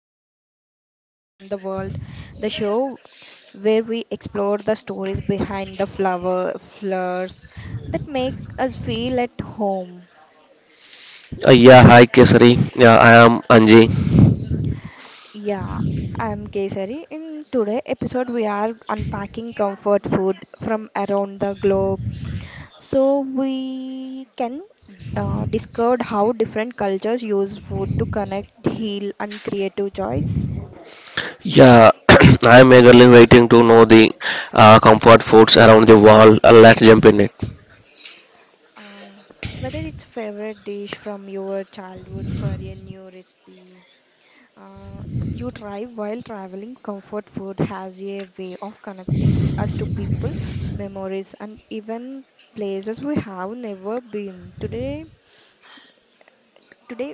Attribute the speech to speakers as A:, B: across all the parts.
A: to Comfort Food Around the World, the show where we explore the stories behind the flowers that make us feel at home.
B: Yeah, hi Kesari. Yeah, I am Anji.
A: Yeah, I'm Kesari. In today episode, we are unpacking comfort food from around the globe. So we can discover how different cultures use food to connect, heal, and creative joys.
B: Yeah, I am eagerly waiting to know the comfort foods around the world. Let's jump in it.
A: Um, Whether it's favorite dish from your childhood for a new recipe, uh, you try while traveling. Comfort food has a way of connecting us to people, memories, and even places we have never been. Today,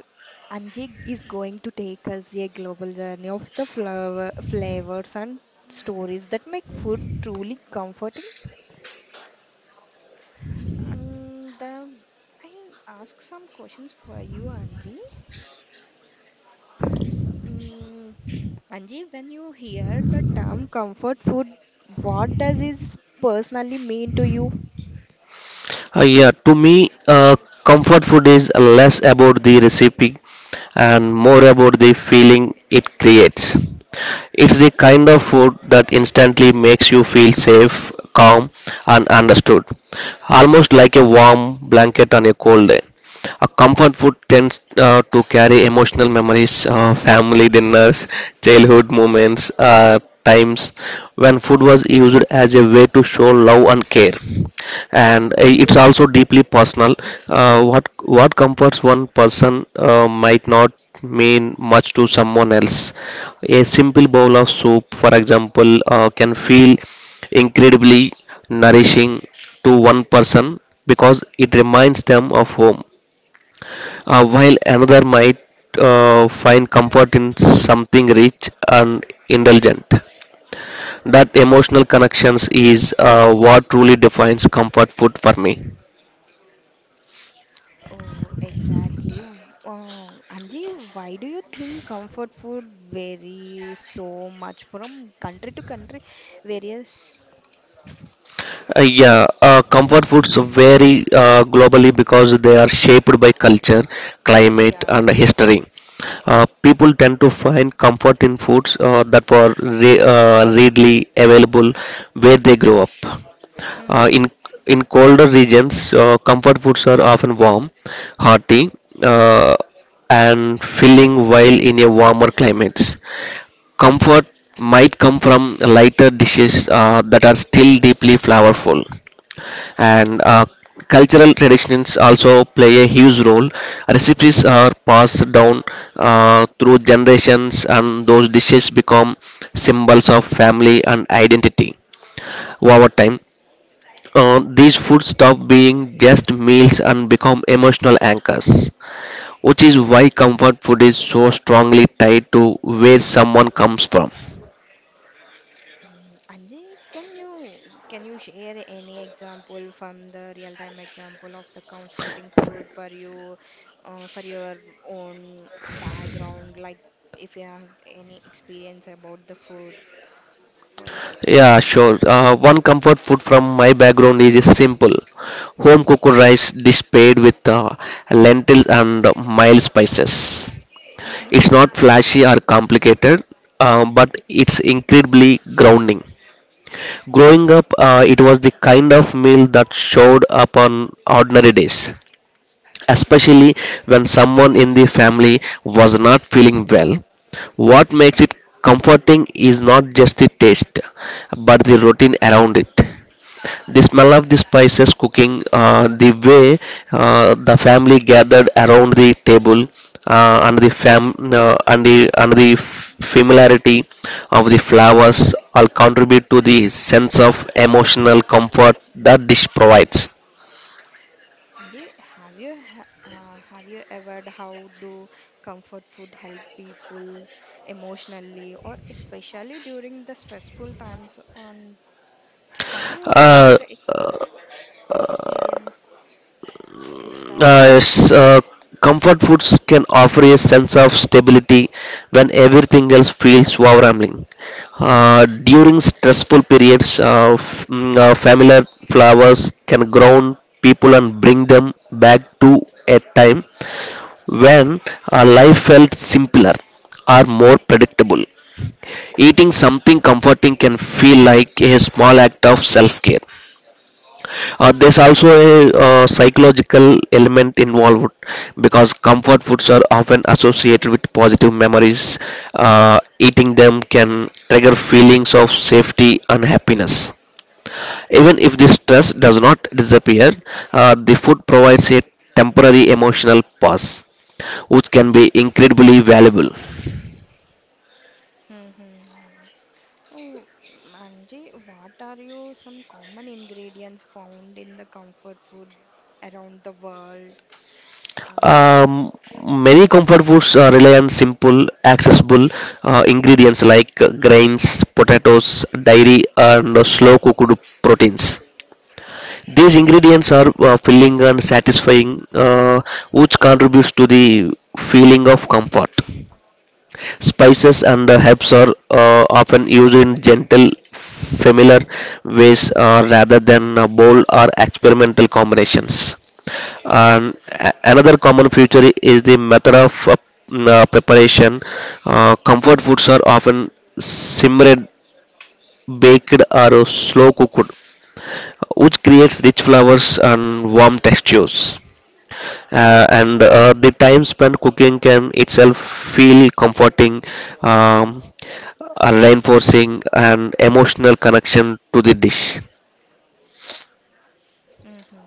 A: Angie is going to take us a global journey of the flavors and stories that make food truly comforting. And I ask some questions for you, Angie. Mm, Anji, when you hear the term comfort food, what does it personally mean to you?
B: Yeah, to me, comfort food is less about the recipe and more about the feeling it creates. It's the
A: Mm-hmm.
B: kind of food that instantly makes you feel safe, calm, and understood, almost like a warm blanket on a cold day. A comfort food tends to carry emotional memories, family dinners, childhood moments, times when food was used as a way to show love and care. And
A: Mm-hmm.
B: uh, it's also deeply personal. Uh, what what comforts one person might not mean much to someone else. A simple bowl of soup, for example, can feel incredibly nourishing to one person because it reminds them of home while another might find comfort in something rich and indulgent. That emotional connections is what truly defines comfort food for me.
A: Oh, exactly. Anji, why do you think comfort food varies so much from country to country? Various.
B: Yeah, Comfort foods vary globally because they are shaped by culture, climate,
A: Yes,
B: and
A: yes.
B: history. People tend to find comfort in foods that were readily available where they grow up. Uh,
A: Hmm.
B: in in colder regions, comfort foods are often warm, hearty, uh, and filling, while in a warmer climates. Comfort might come from lighter dishes that are still deeply flavorful. And cultural traditions also play a huge role. Recipes are passed down through generations, and those dishes become symbols of family and identity over time. These foods stop being just meals and become emotional anchors, which is why comfort food is so strongly tied to where someone comes from.
A: Mm, Anji, can you can you share any example from the real-time example of the comforting food for you, for your own background, like if you have any experience about the food for.
B: Yeah, sure. One comfort food from my background is simple home cooked rice dish paired with lentils and mild spices.
A: Mm-hmm,
B: It's not flashy or complicated, but it's incredibly grounding. Growing up, it was the kind of meal that showed up on ordinary days
A: mm-hmm,
B: especially when someone in the family was not feeling well. What makes
A: mm-hmm.
B: it comforting is not just the taste, but the routine around it. The smell of the spices cooking, the way the family gathered around the table, and the fam and the familiarity of the flowers all contribute to the sense of emotional comfort that dish provides.
A: Anji, have you ever how do comfort food help people emotionally or especially during the stressful times on? Have you ever
B: Uh,
A: experience this type.
B: yes, comfort foods can offer a sense of stability when everything else feels overwhelming. During stressful periods, familiar flowers can ground people and bring them back to a time when life felt simpler or more predictable. Eating something comforting can feel like a small act of self care. There's also a psychological element involved because comfort foods are often associated with positive memories. Eating them can trigger feelings of safety and happiness. Even if the stress does not disappear, the food provides a temporary emotional pause, which can be incredibly valuable.
A: Mm-hmm. Oh, Anji, what are you some common ingredients found in the comfort food around the world? Are you?
B: Um, Many comfort foods rely on simple, accessible ingredients like grains, potatoes, dairy, and slow cooked proteins. These ingredients are filling and satisfying, which contributes to the feeling of comfort. Spices and herbs are often used in gentle, familiar ways rather than bold or experimental combinations. Another common feature is the method of preparation. Comfort foods are often simmered, baked, or slow cooked, which creates rich flavors and warm textures and the time spent cooking can itself feel comforting, um, and reinforcing an emotional connection to the dish.
A: Mm-hmm.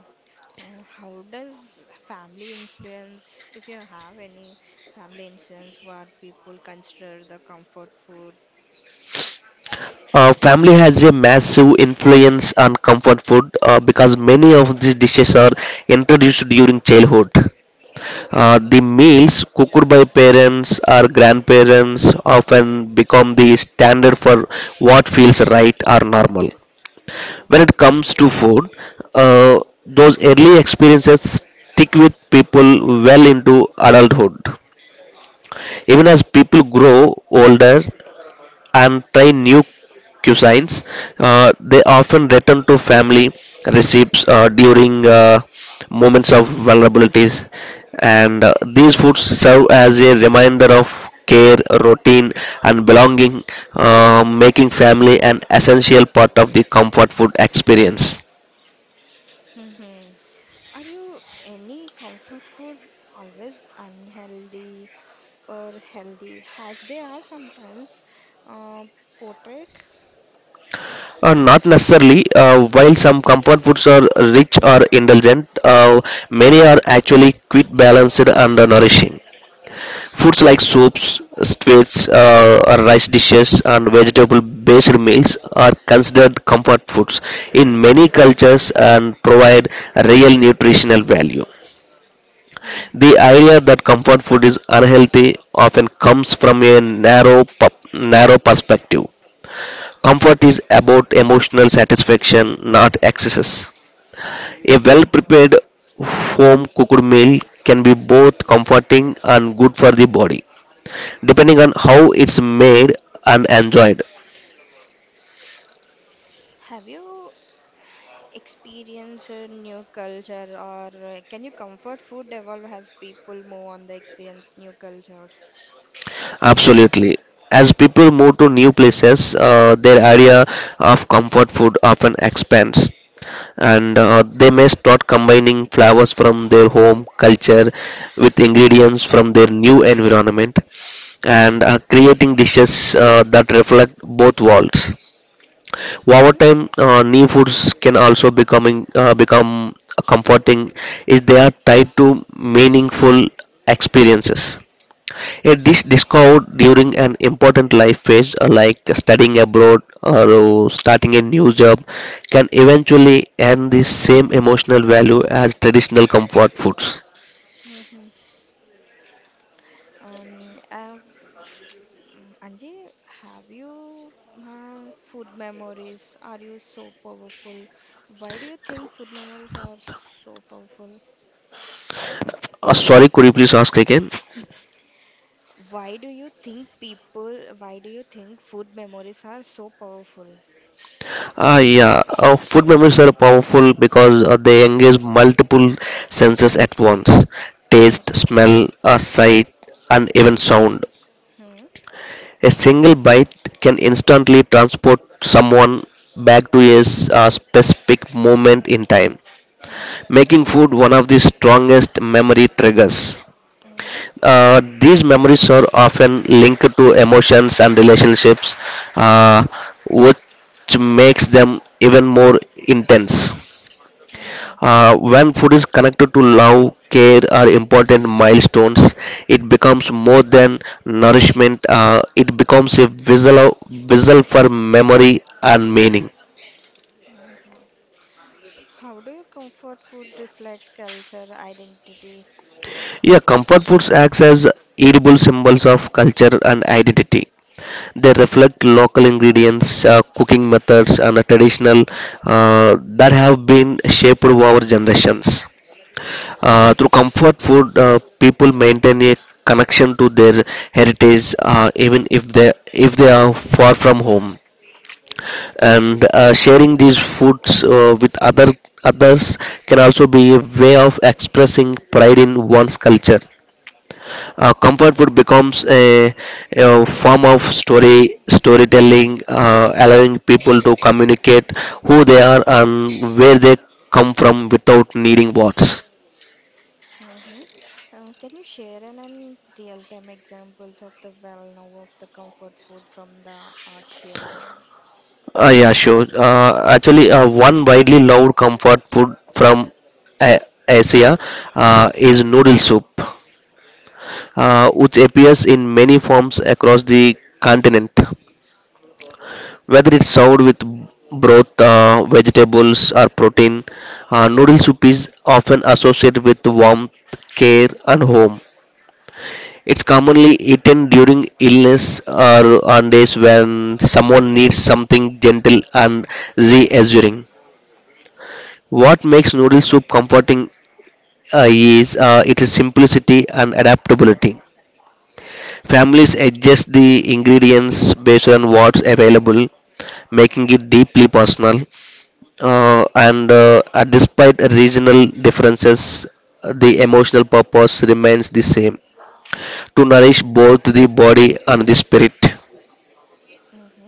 A: Oh, how does family influence, if you have any family influence, what people consider the comfort food?
B: Family has a massive influence on comfort food because many of these dishes are introduced during childhood. The meals cooked by parents or grandparents often become the standard for what feels right or normal when it comes to food. uh, those early experiences stick with people well into adulthood. Even as people grow older and try new cuisines, they often return to family recipes during moments of vulnerabilities, and these foods serve as a reminder of care, routine, and belonging, making family an essential part of the comfort food experience.
A: Mm-hmm. Are you any comfort food always unhealthy or healthy as they are sometimes uh, portrayed.
B: Not necessarily. While some comfort foods are rich or indulgent, many are actually quite balanced and nourishing. Foods like soups, sweets, or rice dishes, and vegetable-based meals are considered comfort foods in many cultures and provide real nutritional value.
A: Mhm.
B: The idea that comfort food is unhealthy often comes from a narrow perspective. Comfort is about emotional satisfaction, not excesses. A well prepared home cooked meal can be both comforting and good for the body, depending on how it's made and enjoyed.
A: Have you experienced a new culture or can you comfort food evolve as people move on the experience new cultures?
B: Absolutely. As people move to new places, their area of comfort food often expands, and they may start combining flavors from their home culture with ingredients from their new environment, and creating dishes that reflect both worlds.
A: Mm-hmm.
B: Over time, new foods can also becoming become comforting if they are tied to meaningful experiences. A dish discovered during an important life phase, like studying abroad or starting a new job, can eventually earn the same emotional value as traditional comfort foods.
A: Mm-hmm. Um, um, Anji, have you food memories? Are you so powerful? Why do you think food memories are so powerful?
B: Sorry, could you please ask again?
A: Why do you think people, why do you think food memories are so powerful?
B: Ah, yeah. Food memories are powerful because they engage multiple senses at once: taste,
A: Mm-hmm.
B: smell, sight, and even sound.
A: Hmm.
B: A single bite can instantly transport someone back to a specific moment in time,
A: Hmm.
B: making food one of the strongest memory triggers.
A: Hmm.
B: These memories are often linked to emotions and relationships, uh, which makes them even more intense.
A: Hmm.
B: When food is connected to love, care, or important milestones, it becomes more than nourishment. It becomes a vessel for memory and meaning.
A: Hmm. How do you comfort food reflect culture, identity?
B: Yeah, comfort foods acts as edible symbols of culture and identity. They reflect local ingredients, cooking methods, and a traditional that have been shaped over generations. Through comfort food, people maintain a connection to their heritage, even if they are far from home. And sharing these foods with others can also be a way of expressing pride in one's culture. Comfort food becomes a form of storytelling, allowing people to communicate who they are and where they come from without needing words.
A: Hmm. Can you share an real-time examples of the well-known of the comfort food from the Asia?
B: Yeah, sure. Actually, one widely loved comfort food from A- Asia is noodle soup, which appears in many forms across the continent. Whether it's served with broth, vegetables, or protein, noodle soup is often associated with warmth, care, and home. It's commonly eaten during illness or on days when someone needs something gentle and reassuring. What makes noodle soup comforting is its simplicity and adaptability. Families adjust the ingredients based on what's available, making it deeply personal. And despite regional differences, the emotional purpose remains the same: to nourish both the body and the spirit.
A: Mm-hmm.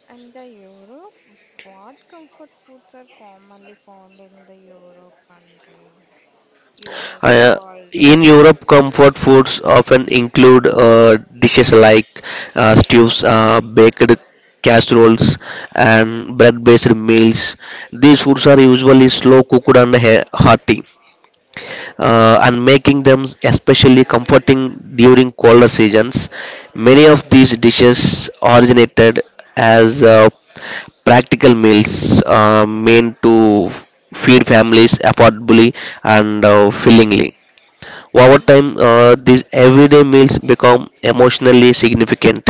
A: And the Europe, what comfort foods are commonly found in the Europe country? Europe,
B: Uh,
A: world, or
B: in
A: life.
B: Europe, comfort foods often include dishes like stews, baked casseroles, and bread-based meals. These foods are usually slow cooked and hearty, and making them especially comforting during colder seasons. Many of these dishes originated as practical meals meant to feed families affordably and fillingly. Over time, these everyday meals become emotionally significant.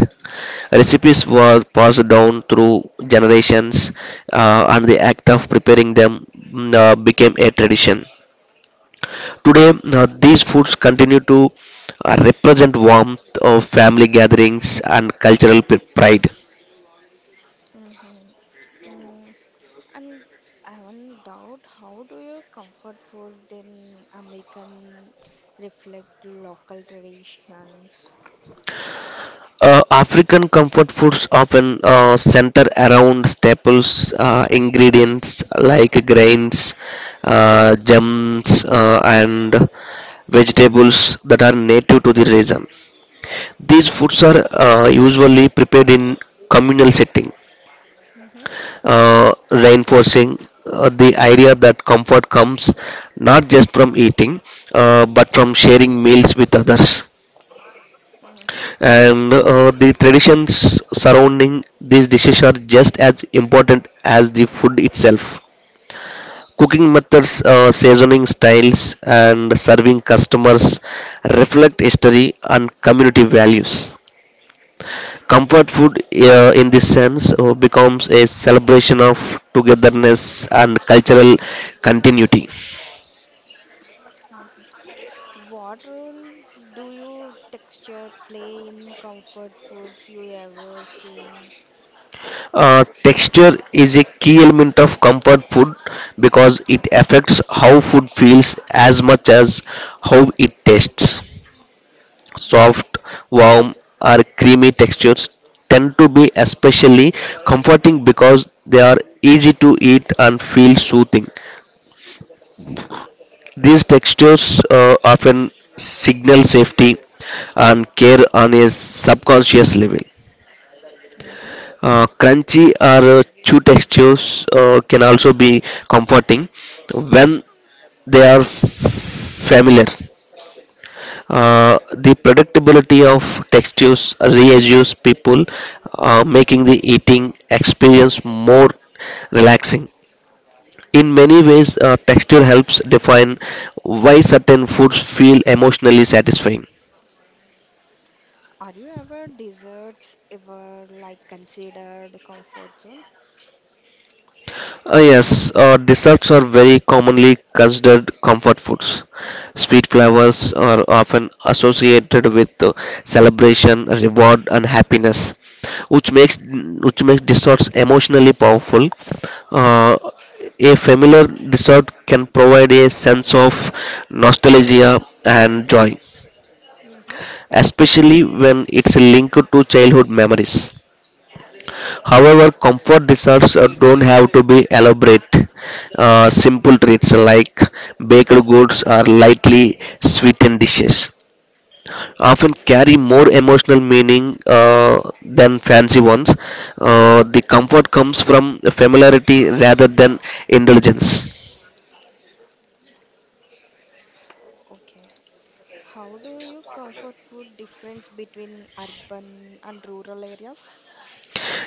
B: Recipes were passed down through generations, and the act of preparing them became a tradition. Today, these foods continue to represent warmth of family gatherings and cultural pride.
A: Mm-hmm. Mm, and I have one doubt, how do your comfort food in American reflect local traditions?
B: African comfort foods often center around staples ingredients like grains, gems, and vegetables that are native to the region. These foods are usually prepared in communal setting,
A: Mm-hmm.
B: reinforcing the idea that comfort comes not just from eating but from sharing meals with others.
A: Mm-hmm.
B: And the traditions surrounding these dishes are just as important as the food itself. Cooking methods, seasoning styles, and serving customers reflect history and community values. Comfort food, in this sense, becomes a celebration of togetherness and cultural continuity.
A: What roles do you texture play in comfort foods you ever seen?
B: Texture is a key element of comfort food because it affects how food feels as much as how it tastes.
A: Mm.
B: Soft, warm, or creamy textures tend to be especially comforting because they are easy to eat and feel soothing. These textures often signal safety and care on a subconscious level.
A: Mm-hmm.
B: Crunchy or chew textures can also be comforting when they are familiar. Uh, the predictability of textures reassures people, making the eating experience more relaxing. In many ways, texture helps define why certain foods feel emotionally satisfying.
A: Are you ever desserts ever like considered comfort zone?
B: Yes, desserts are very commonly considered comfort foods. Sweet flavors are often associated with celebration, reward, and happiness, which makes desserts emotionally powerful. Uh, a familiar dessert can provide a sense of nostalgia and joy,
A: Mm-hmm.
B: especially when it's linked to childhood memories. However, comfort desserts don't have to be elaborate. Simple treats like baked goods or lightly sweetened dishes often carry more emotional meaning than fancy ones. The comfort comes from familiarity rather than indulgence.
A: Okay. How do you comfort food difference between urban and rural areas?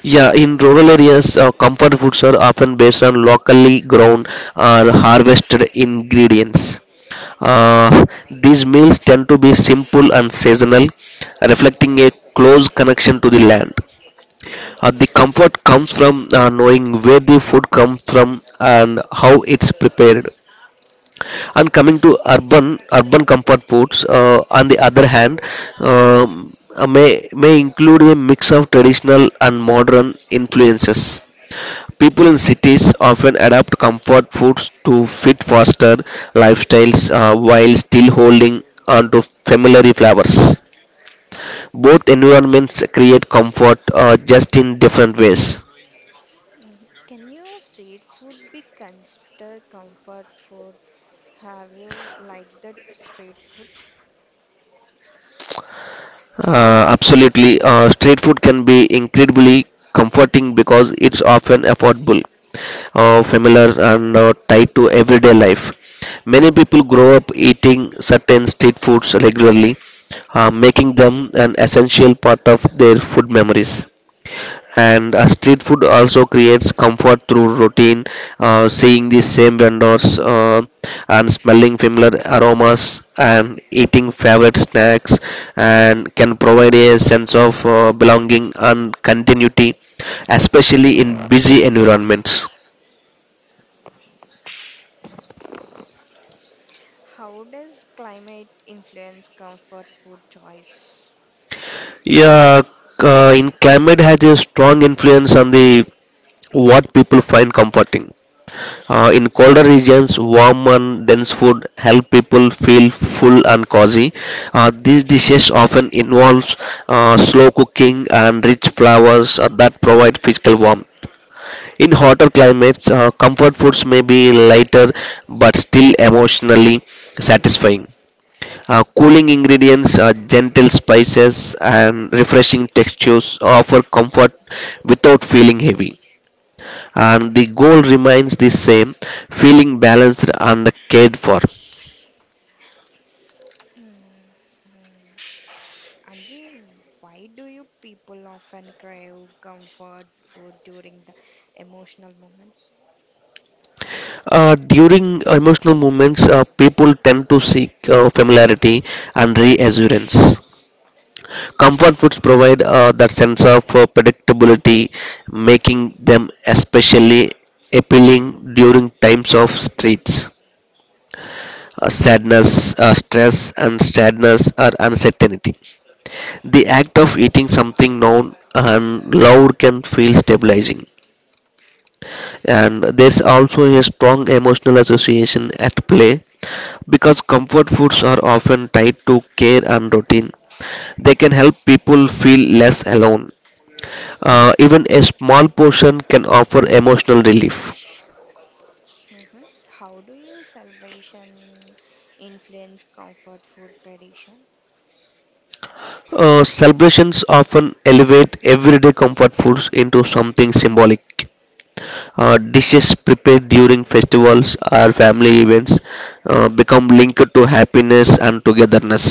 B: Yeah, in rural areas, comfort foods are often based on locally grown or harvested ingredients. Uh, these meals tend to be simple and seasonal, reflecting a close connection to the land.
A: Mm-hmm.
B: The comfort comes from knowing where the food comes from and how it's prepared. And coming to urban comfort foods, on the other hand, may include a mix of traditional and modern influences. People in cities often adapt comfort foods to fit faster lifestyles while still holding on to familiar flavors. Both environments create comfort just in different ways.
A: Mhm. Can you street food be considered comfort food? Have you liked that street food?
B: Absolutely. Street food can be incredibly comforting because it's often affordable, familiar, and tied to everyday life. Many people grow up eating certain street foods regularly, making them an essential part of their food memories, and street food also creates comfort through routine, seeing the same vendors, and smelling familiar aromas and eating favorite snacks, and can provide a sense of belonging and continuity, especially in busy environments.
A: How does climate influence comfort food choice?
B: Yeah, in climate has a strong influence on the what people find comforting. In colder regions, warm and dense food help people feel full and cozy. These dishes often involve slow cooking and rich flavors that provide physical warmth. In hotter climates, comfort foods may be lighter but still emotionally satisfying. Cooling ingredients, gentle spices, and refreshing textures offer comfort without feeling heavy, and the goal remains the same, feeling balanced and cared for.
A: Hmm. Hmm. Anji, why do you people often crave comfort food during the emotional moment?
B: During emotional moments, people tend to seek familiarity and reassurance. Comfort foods provide that sense of predictability, making them especially appealing during times of streets. Sadness, stress, and sadness or uncertainty. The act of eating something known and loved can feel stabilizing. And there's also a strong emotional association at play because comfort foods are often tied to care and routine. They can help people feel less alone. Even a small portion can offer emotional relief.
A: Hmm. How do you celebration influence comfort food tradition?
B: Celebrations often elevate everyday comfort foods into something symbolic. Dishes prepared during festivals or family events become linked to happiness and togetherness.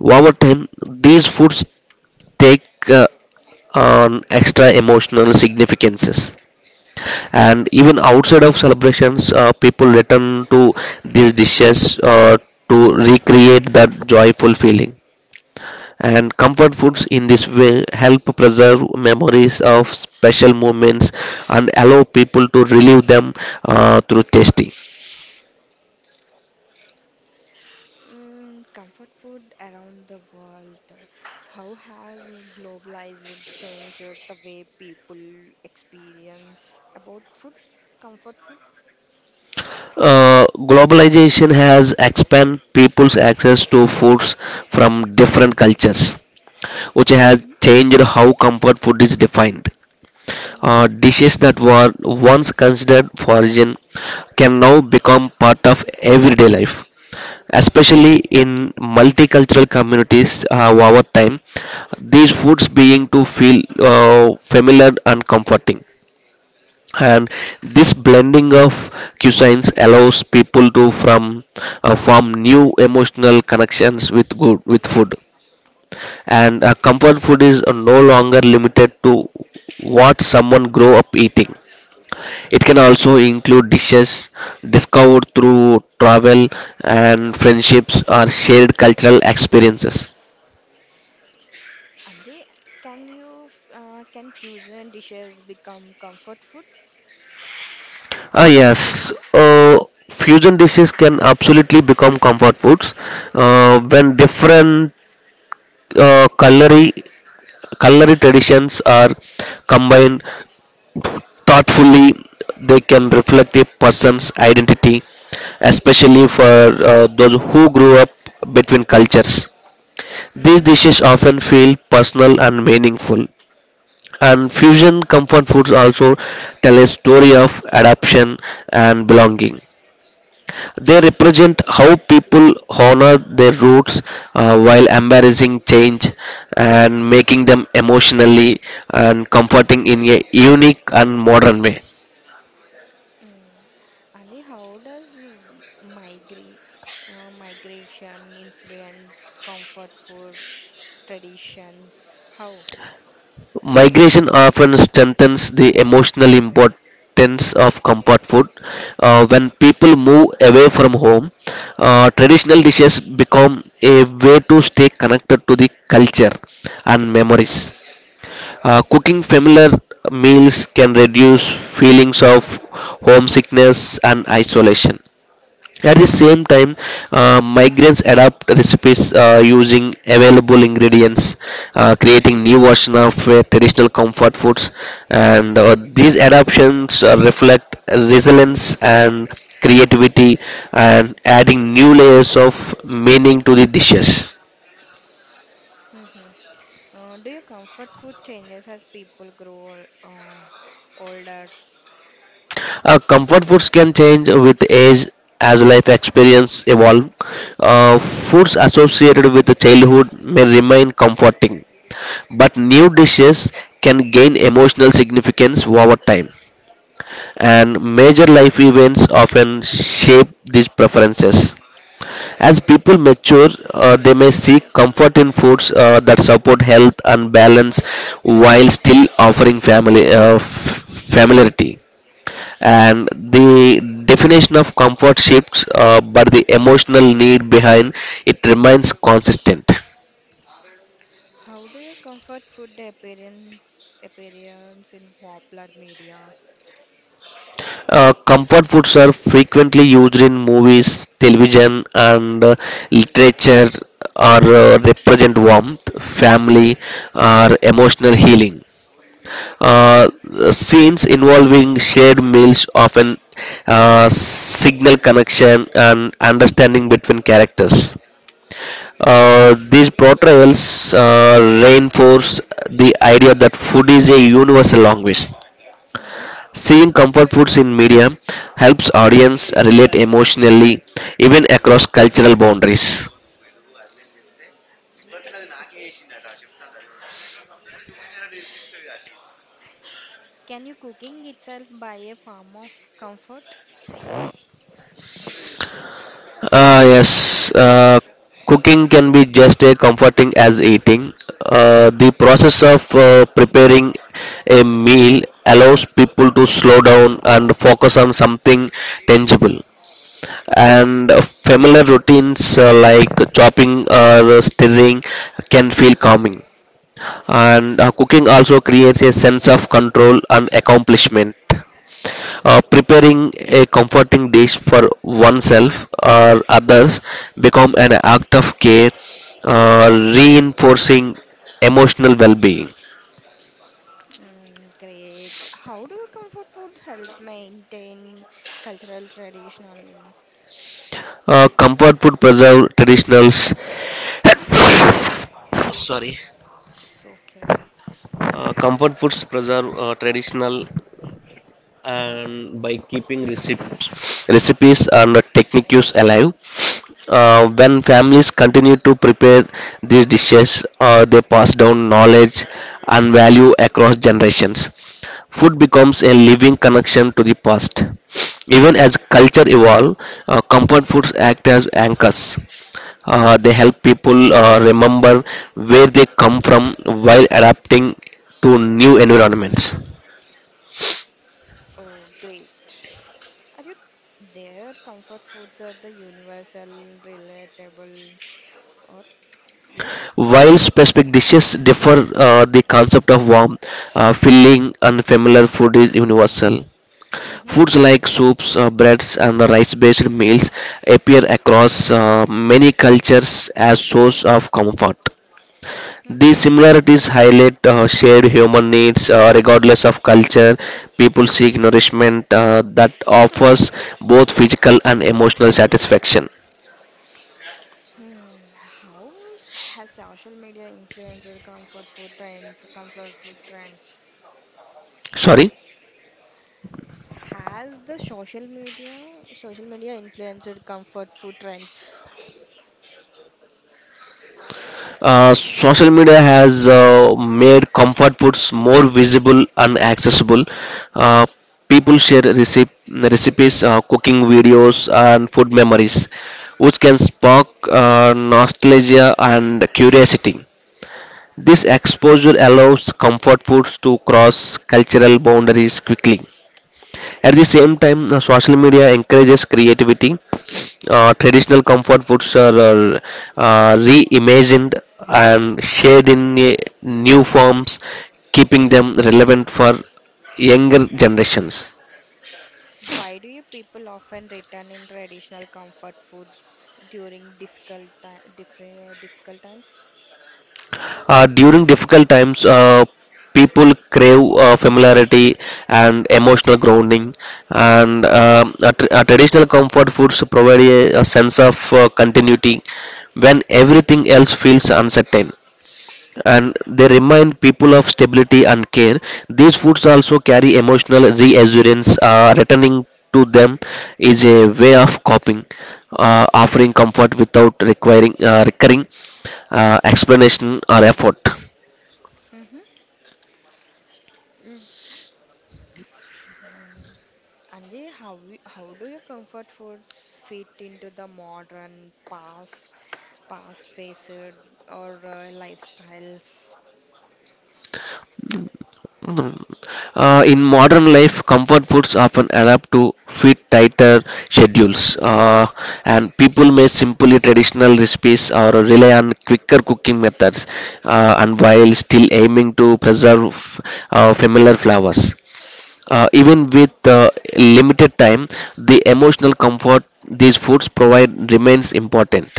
B: Over time, these foods take on extra emotional significances. And even outside of celebrations, people return to these dishes to recreate that joyful feeling, and comfort foods in this way help preserve memories of special moments and allow people to relive them through tasting.
A: Mm, comfort food around the world. How has globalized changed the way people experience about food, comfort food?
B: Globalization has expanded people's access to foods from different cultures, which
A: Hmm.
B: has changed how comfort food is defined.
A: Mm.
B: Dishes that were once considered foreign can now become part of everyday life, especially in multicultural communities. Over time, these foods being to feel familiar and comforting, and this blending of cuisines allows people to from form new emotional connections with good with food. And comfort food is no longer limited to what someone grow up eating. It can also include dishes discovered through travel and friendships or shared cultural experiences.
A: Anjay, can fusion dishes become comfort
B: Ah, yes. Fusion dishes can absolutely become comfort foods when different uh, culinary culinary traditions are combined thoughtfully. They can reflect a person's identity, especially for those who grew up between cultures.
A: food?
B: These dishes often feel personal and meaningful. And fusion comfort foods also tell a story of adoption and belonging. They represent how people honor their roots, while embracing change and making them emotionally and comforting in a unique and modern way.
A: Mm. Ani, how does migra migration influence comfort food traditions? How?
B: Migration often strengthens the emotional importance of comfort food. When people move away from home, traditional dishes become a way to stay connected to the culture and memories. Cooking familiar meals can reduce feelings of homesickness and isolation. At the same time, migrants adapt recipes using available ingredients, creating new version of traditional comfort foods, and these adaptations reflect resilience and creativity, and adding new layers of meaning to the dishes.
A: Hmm. Do your comfort food changes as people grow older?
B: Comfort foods can change with age as life experience evolve. Foods associated with childhood may remain comforting, but new dishes can gain emotional significance over time, and major life events often shape these preferences. As people mature, they may seek comfort in foods that support health and balance while still offering family familiarity, and the definition of comfort shifts but the emotional need behind it remains consistent.
A: How do your comfort food appearance in popular media?
B: Comfort foods are frequently used in movies, television, and literature, or represent warmth, family, or emotional healing.
A: Mm-hmm.
B: uh, Scenes involving shared meals often signal connection and understanding between characters. These portrayals reinforce the idea that food is a universal language.
A: Mm-hmm.
B: Seeing comfort foods in media helps audience relate emotionally, even across cultural boundaries.
A: Can you cooking itself by a form of comfort?
B: Yes, cooking can be just as comforting as eating. The process of preparing a meal allows people to slow down and focus on something tangible. And familiar routines like chopping or stirring can feel calming, and cooking also creates a sense of control and accomplishment. Preparing a comforting dish for oneself or others become an act of care, uh, reinforcing emotional well-being.
A: Mm, great. How do comfort food help maintain cultural traditional?
B: Comfort food preserve traditionals. Sorry.
A: It's okay.
B: Comfort foods preserve traditional, and by keeping receipts recipes and techniques alive, when families continue to prepare these dishes, they pass down knowledge and value across generations. Food becomes a living connection to the past. Even as culture evolves, comfort foods act as anchors. They help people remember where they come from while adapting to new environments.
A: Oh, great. Are you there? Comfort foods are the universal, relatable, or yes?
B: While specific dishes differ, the concept of warm, filling, and familiar food is universal.
A: Mm-hmm.
B: Foods like soups, breads, and rice based meals appear across many cultures as source of comfort.
A: Mm-hmm.
B: These similarities highlight shared human needs regardless of culture. People seek nourishment that offers both physical and emotional satisfaction.
A: Hmm. How has social media influenced your comfort food trends? Comfort food trends.
B: Sorry?
A: Has the social media influenced comfort food trends?
B: Social media has made comfort foods more visible and accessible. Uh, People share recipes, cooking videos, and food memories, which can spark nostalgia and curiosity. This exposure allows comfort foods to cross cultural boundaries quickly. At the same time, social media encourages creativity. Traditional comfort foods are reimagined and shared in new forms, keeping them relevant for younger generations.
A: Why do you people often return in traditional comfort food during difficult times?
B: During difficult times, people crave familiarity and emotional grounding, and a traditional comfort foods provide a sense of continuity when everything else feels uncertain. And they remind people of stability and care. These foods also carry emotional reassurance, returning to them is a way of coping, offering comfort without requiring recurring explanation or effort.
A: Mm-hmm. Mm. Anji, how do your comfort foods fit into the modern past faced or lifestyle?
B: Mm. In modern life, comfort foods often adapt to fit tighter schedules, and people may simply traditional recipes or rely on quicker cooking methods, and while still aiming to preserve familiar flavors. Even with limited time, the emotional comfort these foods provide remains important.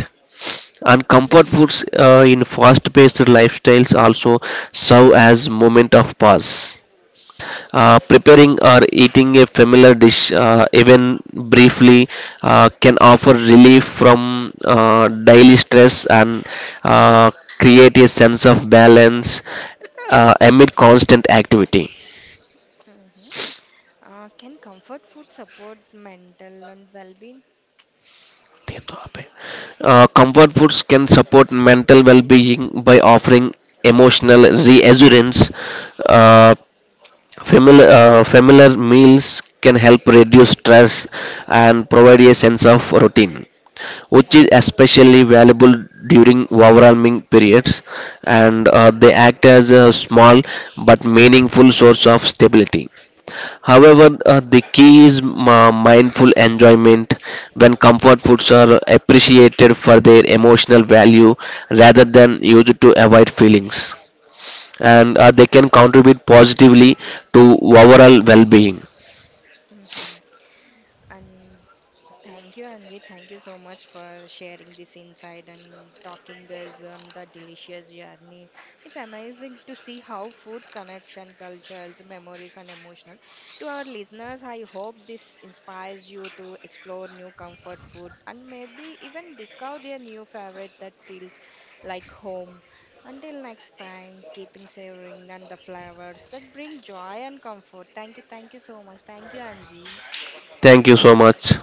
B: And
A: Mm-hmm.
B: comfort foods in fast-paced lifestyles also serve as moment of pause. Preparing or eating a familiar dish, even briefly, can offer relief from daily stress and uh, create a sense of balance amid constant activity.
A: Hmm. Can comfort food support mental and well-being?
B: Comfort foods can support mental well being by offering emotional reassurance. uh, Familiar meals can help reduce stress and provide a sense of routine, which is especially valuable during overwhelming periods, and they act as a small but meaningful source of stability. However, the key is ma- mindful enjoyment. When comfort foods are appreciated for their emotional value rather than used to avoid feelings, and they can contribute positively to overall well-being.
A: Mm-hmm. And thank you, Anji. Thank you so much for sharing this insight and talking us on the delicious journey. It's amazing to see how food connection, cultures, memories, and emotional. To our listeners, I hope this inspires you to explore new comfort food and maybe even discover a new favorite that feels like home. Until next time, keeping savoring and the flavors that bring joy and comfort. Thank you so much. Thank you, Anji.
B: Thank you so much.